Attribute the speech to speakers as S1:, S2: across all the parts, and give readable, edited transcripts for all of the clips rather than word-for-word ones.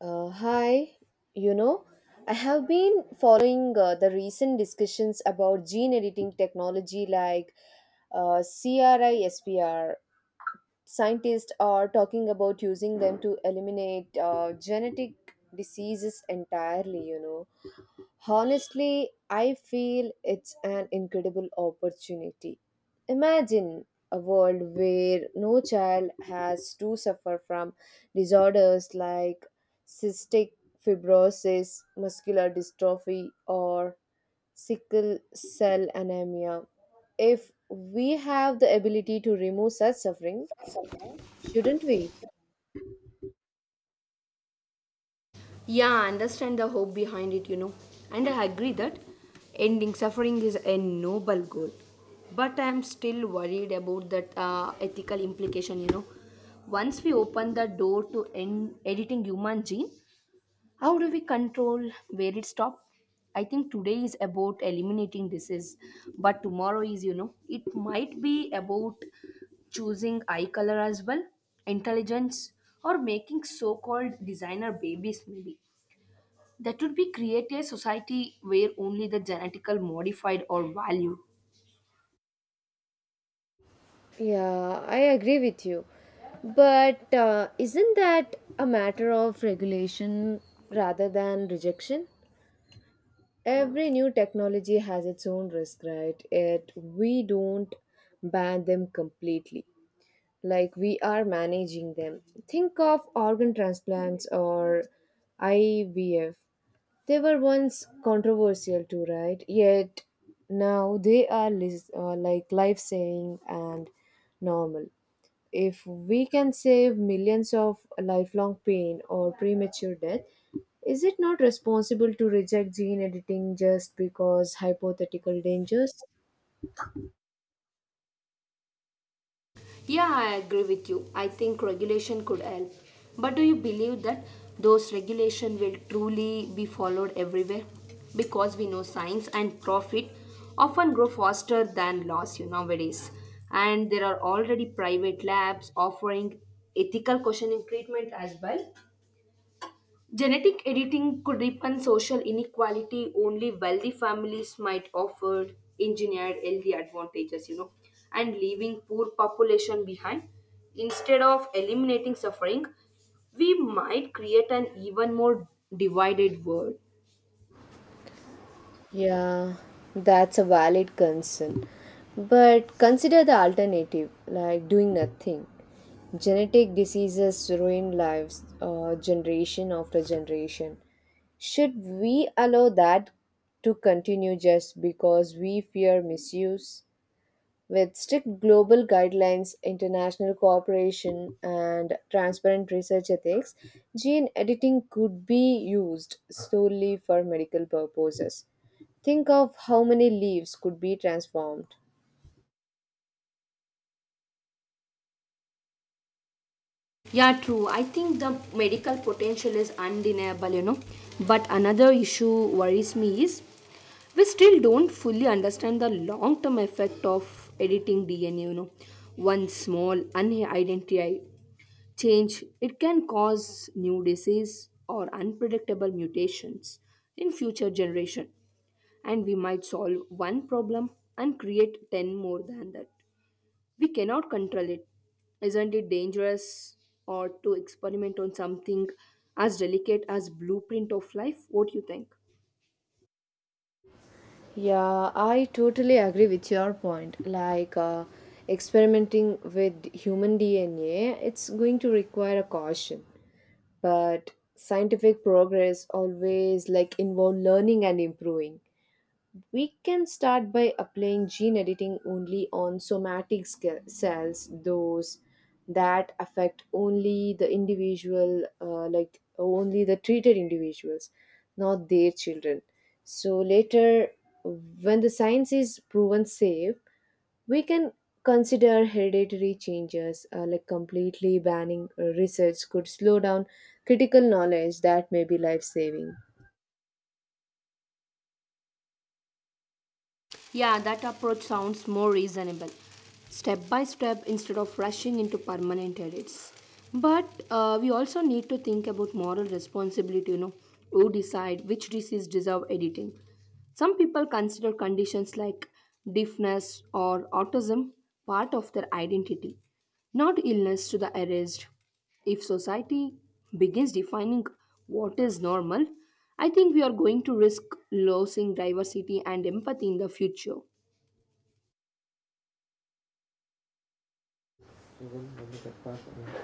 S1: Uh, hi, you know, I have been following the recent discussions about gene editing technology like CRISPR. Scientists are talking about using them to eliminate genetic diseases entirely. Honestly, I feel it's an incredible opportunity. Imagine a world where no child has to suffer from disorders like cystic fibrosis, muscular dystrophy, or sickle cell anemia. If we have the ability to remove such suffering, shouldn't we?
S2: Yeah, I understand the hope behind it. And I agree that ending suffering is a noble goal. But I am still worried about that ethical implication. Once we open the door to end editing human gene, how do we control where it stops? I think today is about eliminating disease, but tomorrow is, it might be about choosing eye color as well, intelligence, or making so called designer babies, maybe. That would be create a society where only the genetical modified or valued.
S1: Yeah, I agree with you. But isn't that a matter of regulation rather than rejection? Every new technology has its own risk, right? It we don't ban them completely. Like we are managing them. Think of organ transplants or IVF. They were once controversial too, right? Yet now they are like life-saving and normal. If we can save millions of lifelong pain or premature death, is it not responsible to reject gene editing just because hypothetical dangers?
S2: Yeah, I agree with you. I think regulation could help. But do you believe that those regulation will truly be followed everywhere? Because we know science and profit often grow faster than laws you nowadays. And there are already private labs offering ethical questioning treatment as well. Genetic editing could deepen social inequality. Only wealthy families might offer engineered healthy advantages, and leaving poor population behind. Instead of eliminating suffering, we might create an even more divided world.
S1: Yeah, that's a valid concern. But consider the alternative, like doing nothing. Genetic diseases ruin lives generation after generation. Should we allow that to continue just because we fear misuse? With strict global guidelines, international cooperation, and transparent research ethics, gene editing could be used solely for medical purposes. Think of how many leaves could be transformed.
S2: Yeah, true. I think the medical potential is undeniable. But another issue worries me is we still don't fully understand the long term effect of editing DNA. One small unidentified change, it can cause new disease or unpredictable mutations in future generation and we might solve one problem and create 10 more than that we cannot control it. Isn't it dangerous or to experiment on something as delicate as blueprint of life? What do you think?
S1: Yeah, I totally agree with your point. Like experimenting with human DNA, it's going to require a caution. But scientific progress always like involve learning and improving. We can start by applying gene editing only on cells, those that affect only the individual, like only the treated individuals, not their children. So later, when the science is proven safe, we can consider hereditary changes like completely banning research could slow down critical knowledge that may be life saving.
S2: Yeah, that approach sounds more reasonable. Step by step instead of rushing into permanent edits. But we also need to think about moral responsibility, who decide which diseases deserve editing. Some people consider conditions like deafness or autism part of their identity, not illness to the erased. If society begins defining what is normal, I think we are going to risk losing diversity and empathy in the future.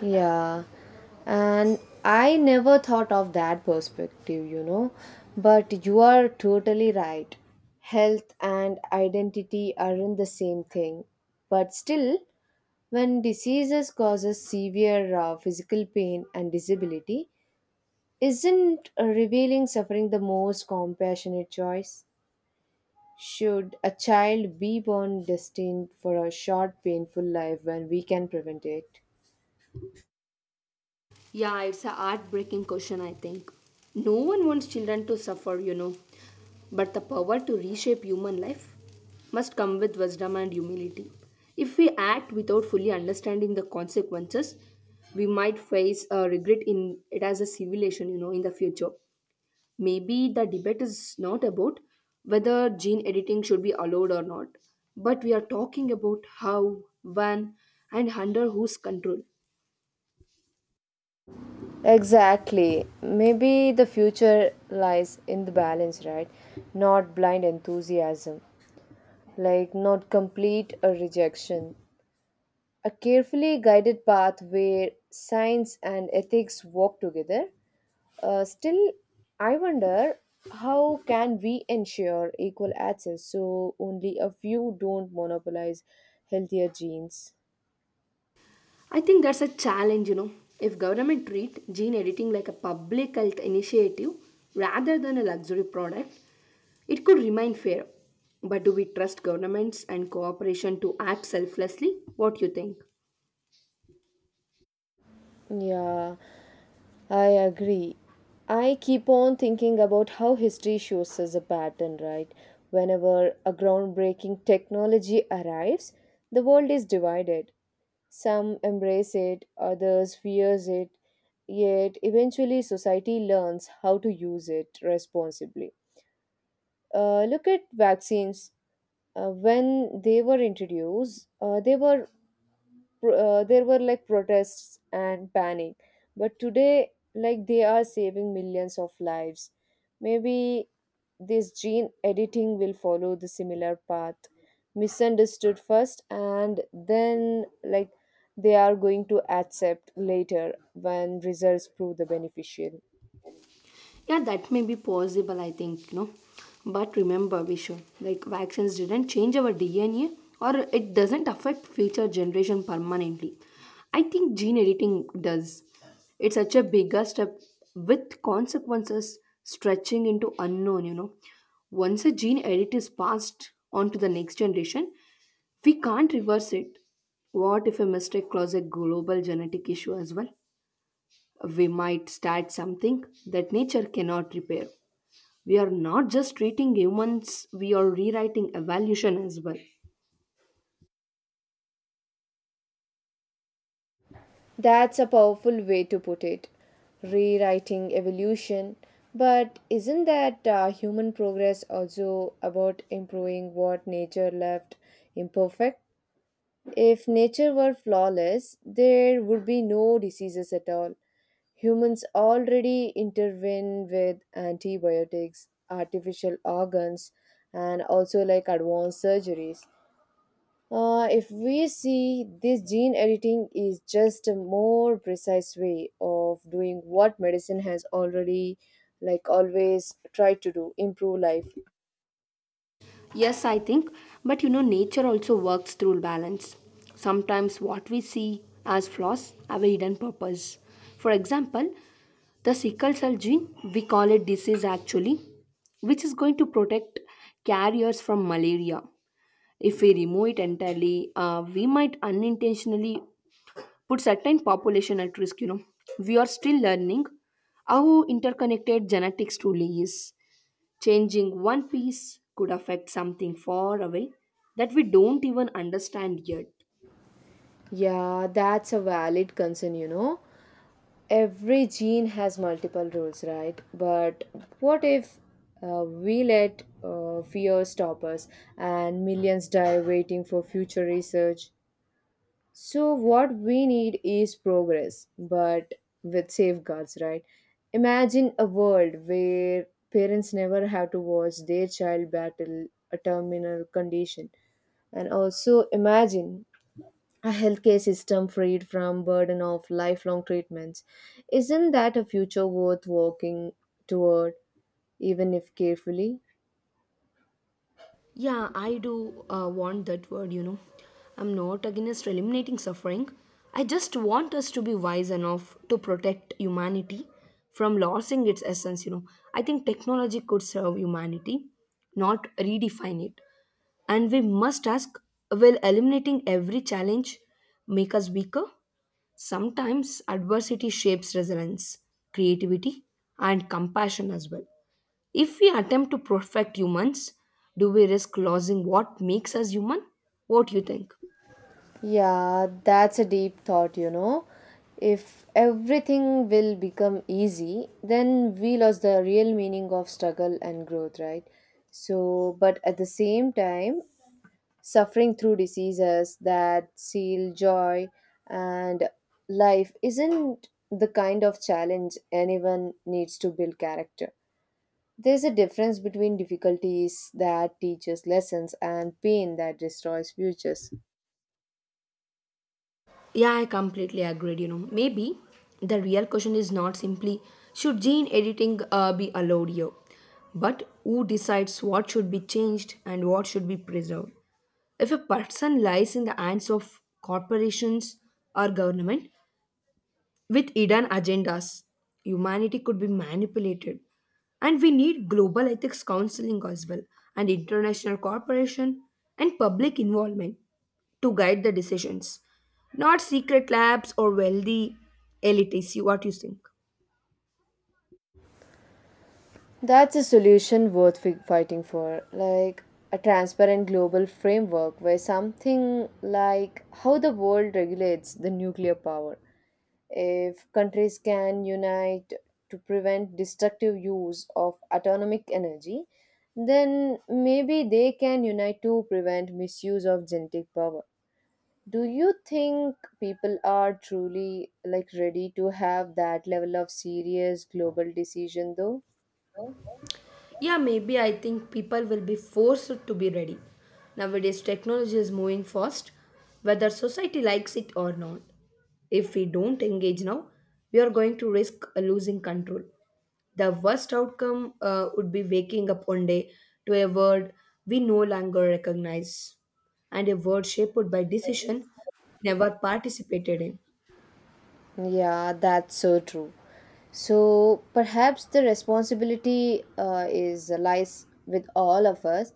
S1: Yeah, and I never thought of that perspective, but you are totally right. Health and identity aren't the same thing, but still, when diseases causes severe physical pain and disability, isn't revealing suffering the most compassionate choice? Should a child be born destined for a short, painful life when we can prevent it?
S2: Yeah, it's a heartbreaking question, I think. No one wants children to suffer. But the power to reshape human life must come with wisdom and humility. If we act without fully understanding the consequences, we might face a regret in it as a civilization, in the future. Maybe the debate is not about whether gene editing should be allowed or not, but we are talking about how, when, and under whose control.
S1: Exactly. Maybe the future lies in the balance, right? Not blind enthusiasm, like not complete a rejection. A carefully guided path where science and ethics walk together. Still, I wonder how can we ensure equal access so only a few don't monopolize healthier genes?
S2: I think that's a challenge. If government treat gene editing like a public health initiative rather than a luxury product, it could remain fair. But do we trust governments and cooperation to act selflessly? What you think?
S1: Yeah. I agree. I keep on thinking about how history shows us a pattern, right? Whenever a groundbreaking technology arrives, the world is divided. Some embrace it, others fears it, yet eventually society learns how to use it responsibly. Look at vaccines. When they were introduced, there were like protests and panic, but today like they are saving millions of lives. Maybe this gene editing will follow the similar path: misunderstood first, and then like they are going to accept later when results prove the beneficial.
S2: Yeah, that may be possible, I think, you know. But remember, Vishwa, like vaccines didn't change our DNA or it doesn't affect future generation permanently. I think gene editing does. It's such a bigger step with consequences stretching into unknown. Once a gene edit is passed on to the next generation, we can't reverse it. What if a mistake causes a global genetic issue as well? We might start something that nature cannot repair. We are not just treating humans, we are rewriting evolution as well.
S1: That's a powerful way to put it. Rewriting evolution. But isn't that human progress also about improving what nature left imperfect? If nature were flawless, there would be no diseases at all. Humans already intervene with antibiotics, artificial organs, and also like advanced surgeries. If we see this gene editing is just a more precise way of doing what medicine has already like always tried to do improve life.
S2: Yes, I think, but you know, nature also works through balance. Sometimes what we see as flaws have a hidden purpose. For example, the sickle cell gene, we call it disease actually, which is going to protect carriers from malaria. If we remove it entirely, we might unintentionally put certain population at risk you know we are still learning how interconnected genetics truly is changing one piece could affect something far away that we don't even understand yet.
S1: Yeah, that's a valid concern, you know. Every gene has multiple roles, right? But what if we let fear stop us and millions die waiting for future research? So, what we need is progress, but with safeguards, right? Imagine a world where parents never have to watch their child battle a terminal condition. And also imagine a healthcare system freed from burden of lifelong treatments. Isn't that a future worth walking toward, even if carefully?
S2: Yeah, I do want that word, you know. I'm not against eliminating suffering. I just want us to be wise enough to protect humanity from losing its essence, you know. I think technology could serve humanity, not redefine it. And we must ask will eliminating every challenge make us weaker? Sometimes adversity shapes resilience, creativity, and compassion as well. If we attempt to perfect humans, do we risk losing what makes us human? What do you think?
S1: Yeah, that's a deep thought, you know. If everything will become easy, then we lost the real meaning of struggle and growth, right? So, but at the same time, suffering through diseases that seal joy and life isn't the kind of challenge anyone needs to build character. There's a difference between difficulties that teaches lessons and pain that destroys futures.
S2: Yeah, I completely agreed. You know, maybe the real question is not simply should gene editing be allowed here, but who decides what should be changed and what should be preserved. If a person lies in the hands of corporations or government, with hidden agendas, humanity could be manipulated. And we need global ethics counseling as well, and international cooperation and public involvement to guide the decisions. Not secret labs or wealthy elites, what do you think.
S1: That's a solution worth fighting for, like a transparent global framework where something like how the world regulates the nuclear power. If countries can unite to prevent destructive use of atomic energy, then maybe they can unite to prevent misuse of genetic power. Do you think people are truly like ready to have that level of serious global decision though?
S2: Yeah, maybe I think people will be forced to be ready. Nowadays, technology is moving fast, whether society likes it or not. If we don't engage now, we are going to risk losing control. The worst outcome would be waking up one day to a world we no longer recognize and a world shaped by decision we never participated in.
S1: Yeah, that's so true. So perhaps the responsibility is lies with all of us.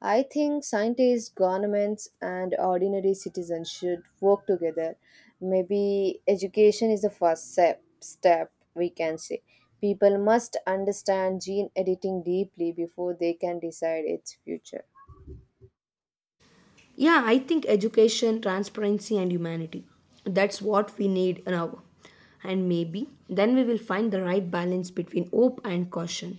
S1: I think scientists, governments, and ordinary citizens should work together. Maybe education is the first step. Step we can say people must understand gene editing deeply before they can decide its future.
S2: Yeah, I think education, transparency, and humanity. That's what we need now. And maybe then we will find the right balance between hope and caution.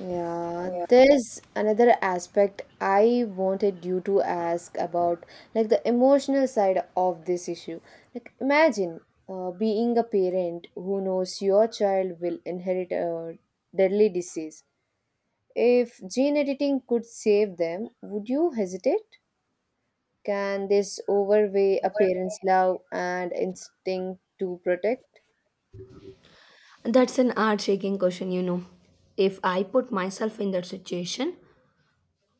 S1: Yeah, there's another aspect I wanted you to ask about, like the emotional side of this issue. Like, imagine being a parent who knows your child will inherit a deadly disease. If gene editing could save them, would you hesitate? Can this overweigh a parent's love and instinct to protect?
S2: That's an heart shaking question, you know. If I put myself in that situation,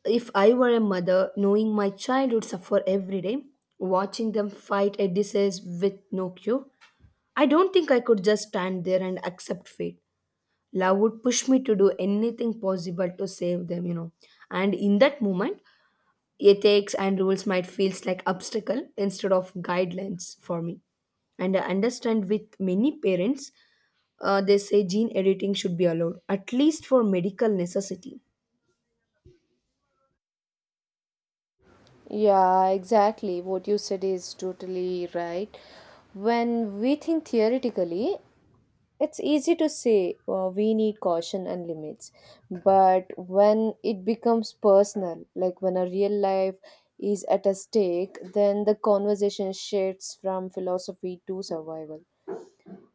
S2: if I were a mother knowing my child would suffer every day, watching them fight a disease with no cure, I don't think I could just stand there and accept fate. Love would push me to do anything possible to save them, you know. And in that moment, ethics and rules might feel like obstacle instead of guidelines for me. And I understand with many parents, they say gene editing should be allowed, at least for medical necessity.
S1: Yeah, exactly. What you said is totally right. When we think theoretically, it's easy to say we need caution and limits. But when it becomes personal, like when a real life is at a stake, then the conversation shifts from philosophy to survival.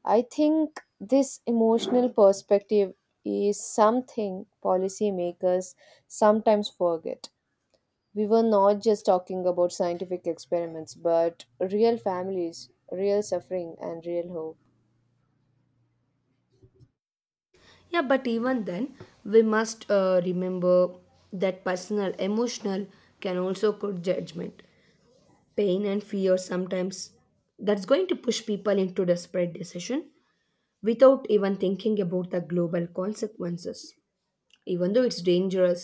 S1: I think this emotional perspective is something policymakers sometimes forget. We were not just talking about scientific experiments, but real families, real suffering, and real hope.
S2: Yeah, but even then, we must remember that personal, emotional can also cause judgment, pain, and fear sometimes. That's going to push people into desperate decision without even thinking about the global consequences. Even though it's dangerous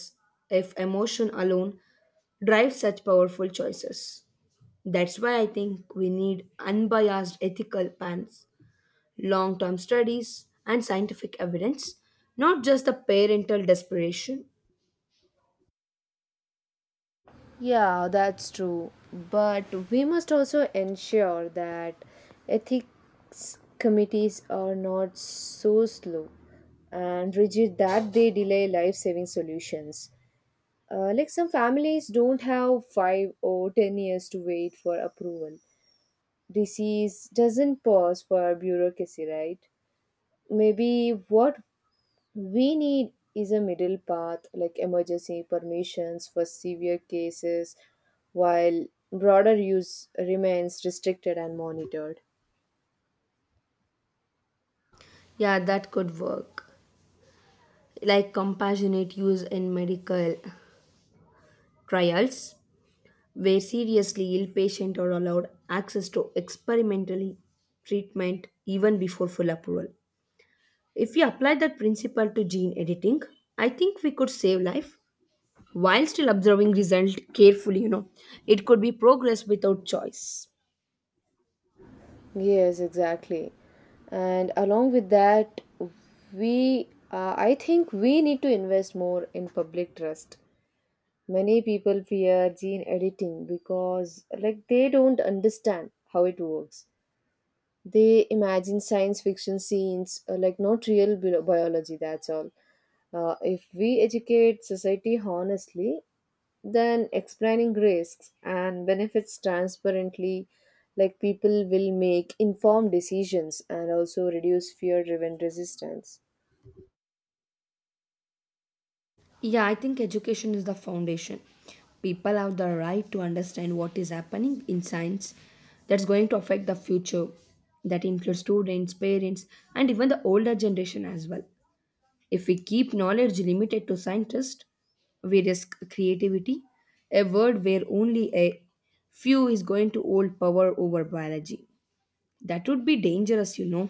S2: if emotion alone drives such powerful choices. That's why I think we need unbiased ethical pans, long term studies, and scientific evidence, not just the parental desperation.
S1: Yeah, that's true. But we must also ensure that ethics committees are not so slow and rigid that they delay life saving solutions. Like some families don't have 5 or 10 years to wait for approval. Disease doesn't pause for bureaucracy, right? Maybe what we need is a middle path like emergency permissions for severe cases, while broader use remains restricted and monitored.
S2: Yeah, that could work. Like compassionate use in medical trials, where seriously ill patients are allowed access to experimentally treatment even before full approval. If we apply that principle to gene editing, I think we could save life while still observing result carefully, you know. It could be progress without choice.
S1: Yes, exactly. And along with that, we I think we need to invest more in public trust. Many people fear gene editing because like they don't understand how it works. They imagine science fiction scenes, like not real biology, that's all. If we educate society honestly, then explaining risks and benefits transparently, like people will make informed decisions and also reduce fear driven resistance.
S2: Yeah, I think education is the foundation. People have the right to understand what is happening in science that's going to affect the future. That includes students, parents, and even the older generation as well. If we keep knowledge limited to scientists, we risk creativity, a world where only a few is going to hold power over biology. That would be dangerous, you know.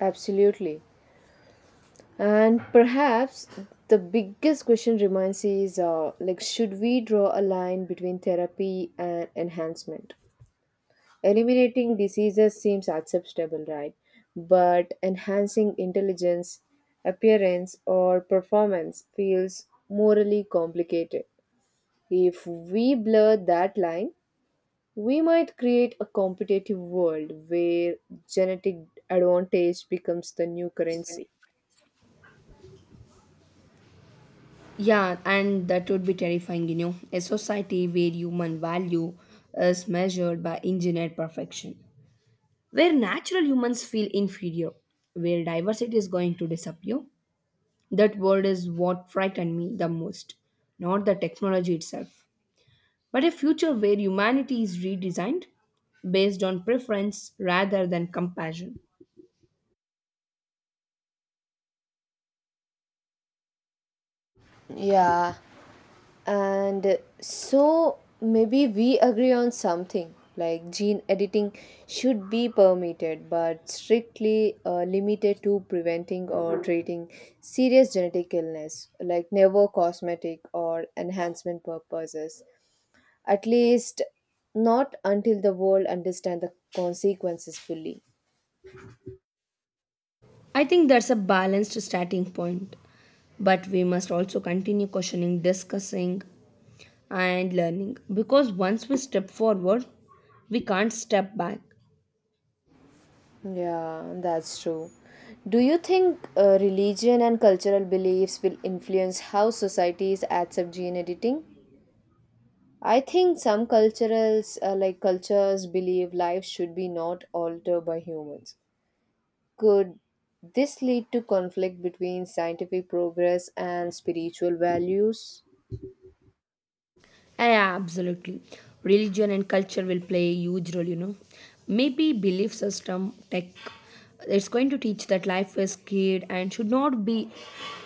S1: Absolutely. And perhaps the biggest question remains is like, should we draw a line between therapy and enhancement? Eliminating diseases seems acceptable, right? But enhancing intelligence, appearance, or performance feels morally complicated. If we blur that line, we might create a competitive world where genetic advantage becomes the new currency.
S2: Yeah, and that would be terrifying, you know. A society where human value is measured by engineered perfection, where natural humans feel inferior, where diversity is going to disappear. That word is what frightened me the most, not the technology itself, but a future where humanity is redesigned based on preference rather than compassion.
S1: Yeah, and so maybe we agree on something like gene editing should be permitted but strictly limited to preventing or treating serious genetic illness, like never cosmetic or enhancement purposes, at least not until the world understand the consequences fully.
S2: I think that's a balanced starting point, but we must also continue questioning, discussing, and learning because once we step forward, we can't step back.
S1: Yeah, that's true. Do you think religion and cultural beliefs will influence how societies accept gene editing? I think some cultures, believe life should be not altered by humans. Could this lead to conflict between scientific progress and spiritual values?
S2: Yeah, yeah, absolutely. Religion and culture will play a huge role, you know. Maybe belief system, tech, it's going to teach that life is scared and should not be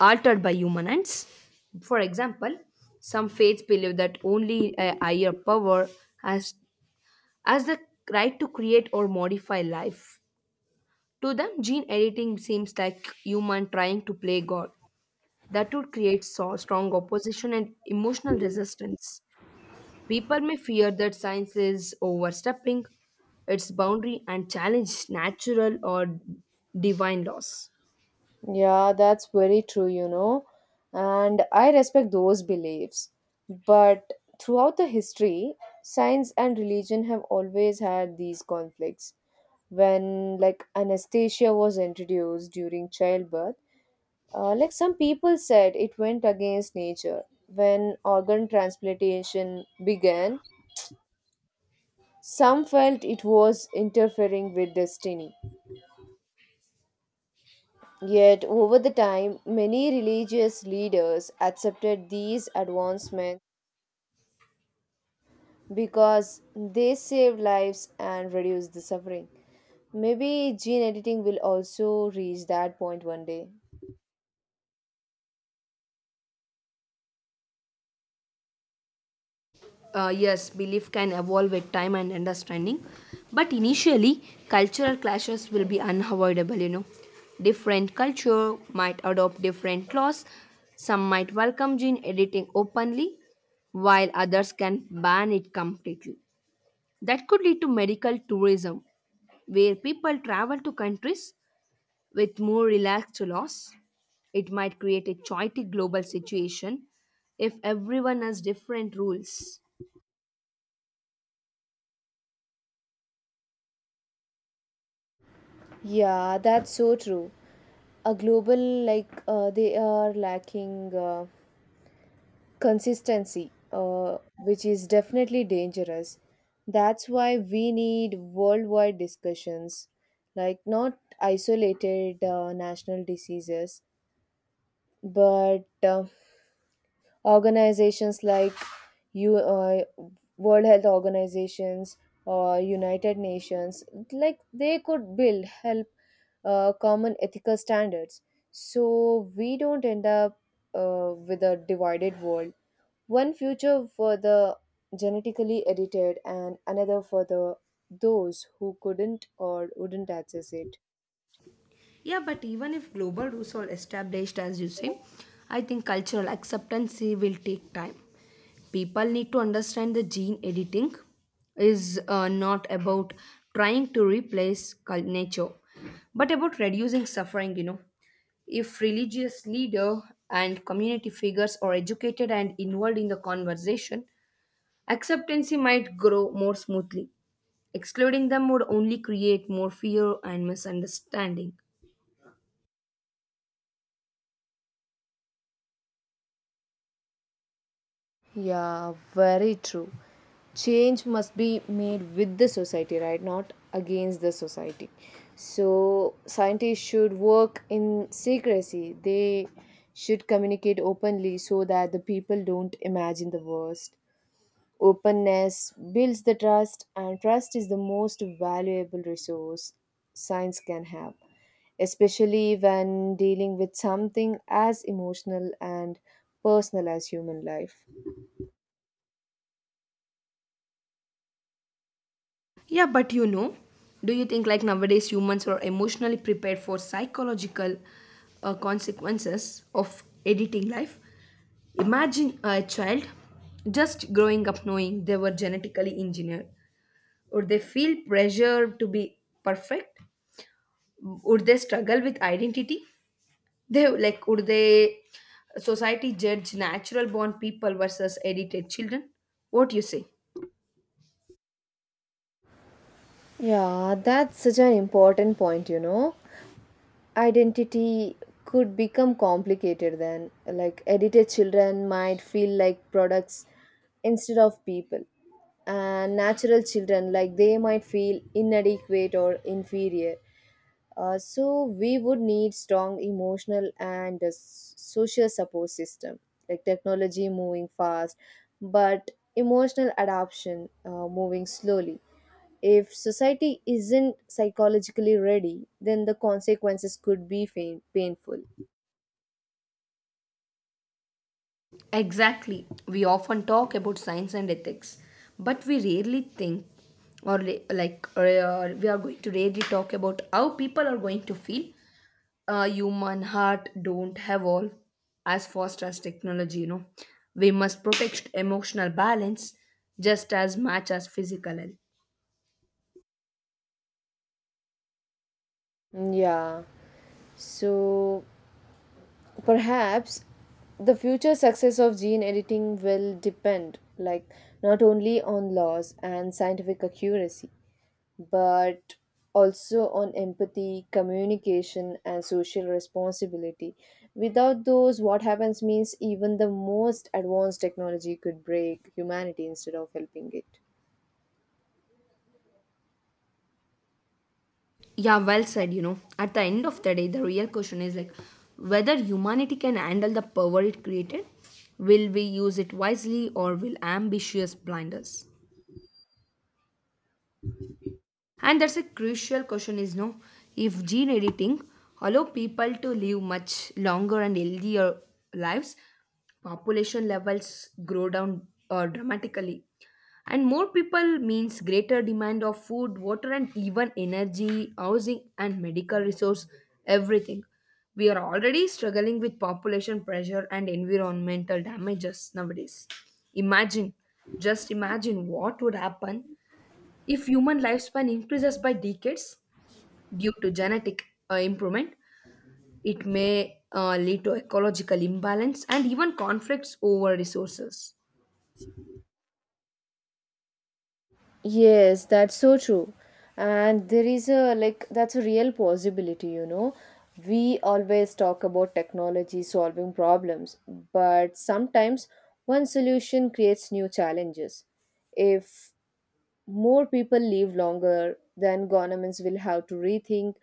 S2: altered by human hands. For example, some faiths believe that only a higher power has, has the right to create or modify life. To them, gene editing seems like human trying to play God. That would create so strong opposition and emotional resistance. People may fear that science is overstepping its boundary and challenge natural or divine laws.
S1: Yeah, that's very true, you know. And I respect those beliefs. But throughout the history, science and religion have always had these conflicts. When like anesthesia was introduced during childbirth, like some people said, it went against nature. When organ transplantation began, some felt it was interfering with destiny. Yet, over the time, many religious leaders accepted these advancements because they saved lives and reduced the suffering. Maybe gene editing will also reach that point one day.
S2: Yes, belief can evolve with time and understanding, but initially, cultural clashes will be unavoidable, you know. Different culture might adopt different laws. Some might welcome gene editing openly, while others can ban it completely. That could lead to medical tourism, where people travel to countries with more relaxed laws, it might create a chaotic global situation if everyone has different rules.
S1: Yeah, that's so true. A global like they are lacking. Consistency, which is definitely dangerous. That's why we need worldwide discussions, like not isolated national diseases, but organizations like you, World Health Organizations or United Nations, like they could build help common ethical standards, so we don't end up with a divided world, one future for the genetically edited, and another for the those who couldn't or wouldn't access it.
S2: Yeah, but even if global rules are established, as you say, I think cultural acceptance will take time. People need to understand the gene editing is not about trying to replace nature, but about reducing suffering, you know. If religious leader and community figures are educated and involved in the conversation, acceptance might grow more smoothly. Excluding them would only create more fear and misunderstanding.
S1: Yeah, very true. Change must be made with the society, right? Not against the society. So, scientists should work in secrecy. They should communicate openly so that the people don't imagine the worst. Openness builds the trust, and trust is the most valuable resource science can have, especially when dealing with something as emotional and personal as human life.
S2: Yeah, but you know, do you think like nowadays humans are emotionally prepared for psychological consequences of editing life? Imagine a child just growing up knowing they were genetically engineered. Would they feel pressure to be perfect? Would they struggle with identity? They like would they society judge natural born people versus edited children? What do you say?
S1: Yeah, that's such an important point, you know. Identity could become complicated then. Like, edited children might feel like products instead of people, and natural children like they might feel inadequate or inferior. So we would need strong emotional and social support system, like technology moving fast, but emotional adoption moving slowly. If society isn't psychologically ready, then the consequences could be painful.
S2: Exactly. We often talk about science and ethics, but we rarely think or like or, we are going to rarely talk about how people are going to feel. Human heart don't evolve as fast as technology, you know. We must protect emotional balance just as much as physical health.
S1: Mm, yeah. So perhaps the future success of gene editing will depend, like not only on laws and scientific accuracy, but also on empathy, communication, and social responsibility. Without those, what happens means even the most advanced technology could break humanity instead of helping it.
S2: Yeah, well said. You know, at the end of the day, the real question is like whether humanity can handle the power it created. Will we use it wisely or will ambitious blind us? And that's a crucial question is no, if gene editing allow people to live much longer and healthier lives, population levels grow down dramatically. And more people means greater demand of food, water, and even energy, housing, and medical resource, everything. We are already struggling with population pressure and environmental damages nowadays. Imagine, just imagine what would happen if human lifespan increases by decades due to genetic improvement, it may lead to ecological imbalance and even conflicts over resources.
S1: Yes, that's so true. And there is a like that's a real possibility, you know. We always talk about technology solving problems, but sometimes one solution creates new challenges. If more people live longer, then governments will have to rethink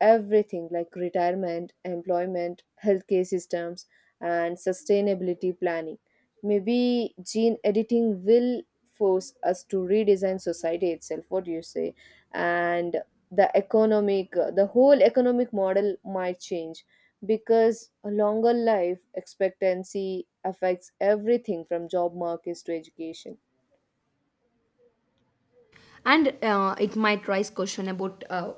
S1: everything like retirement, employment, healthcare systems, and sustainability planning. Maybe gene editing will force us to redesign society itself. What do you say? And the economic, the whole economic model might change because a longer life expectancy affects everything from job markets to education.
S2: And it might raise question about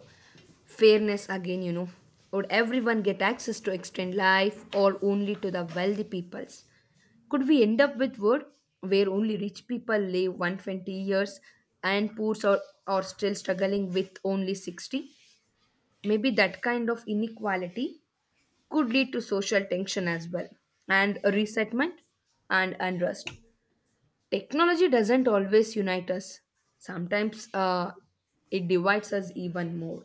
S2: fairness again. You know, would everyone get access to extend life, or only to the wealthy peoples? Could we end up with world where only rich people live 120 years and are still struggling with only 60? Maybe that kind of inequality could lead to social tension as well and resentment and unrest technology doesn't always unite us sometimes it divides us even more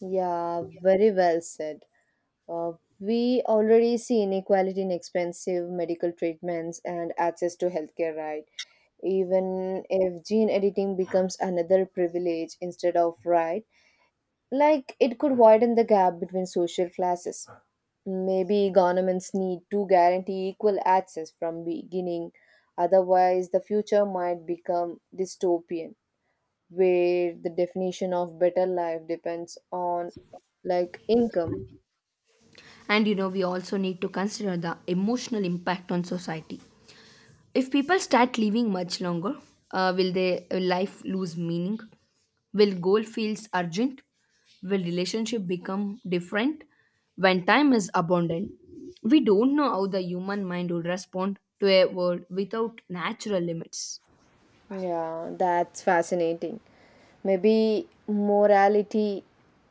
S1: Yeah, very well said. Uh, we already see inequality in expensive medical treatments and access to healthcare, right? Even if gene editing becomes another privilege instead of right, like it could widen the gap between social classes. Maybe governments need to guarantee equal access from beginning, otherwise the future might become dystopian where the definition of better life depends on like income.
S2: and you know we also need to consider the emotional impact on society. If people start living much longer, will their life lose meaning? Will goal feels urgent? Will relationship become different when time is abundant? We don't know how the human mind would respond to a world without natural limits.
S1: Yeah, that's fascinating. Maybe morality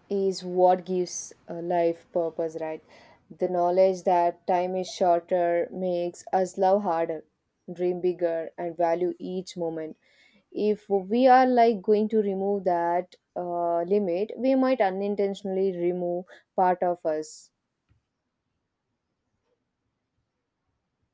S1: is what gives a life purpose, right? The knowledge that time is shorter makes us love harder, dream bigger, and value each moment. If we are like going to remove that limit, we might unintentionally remove part of us.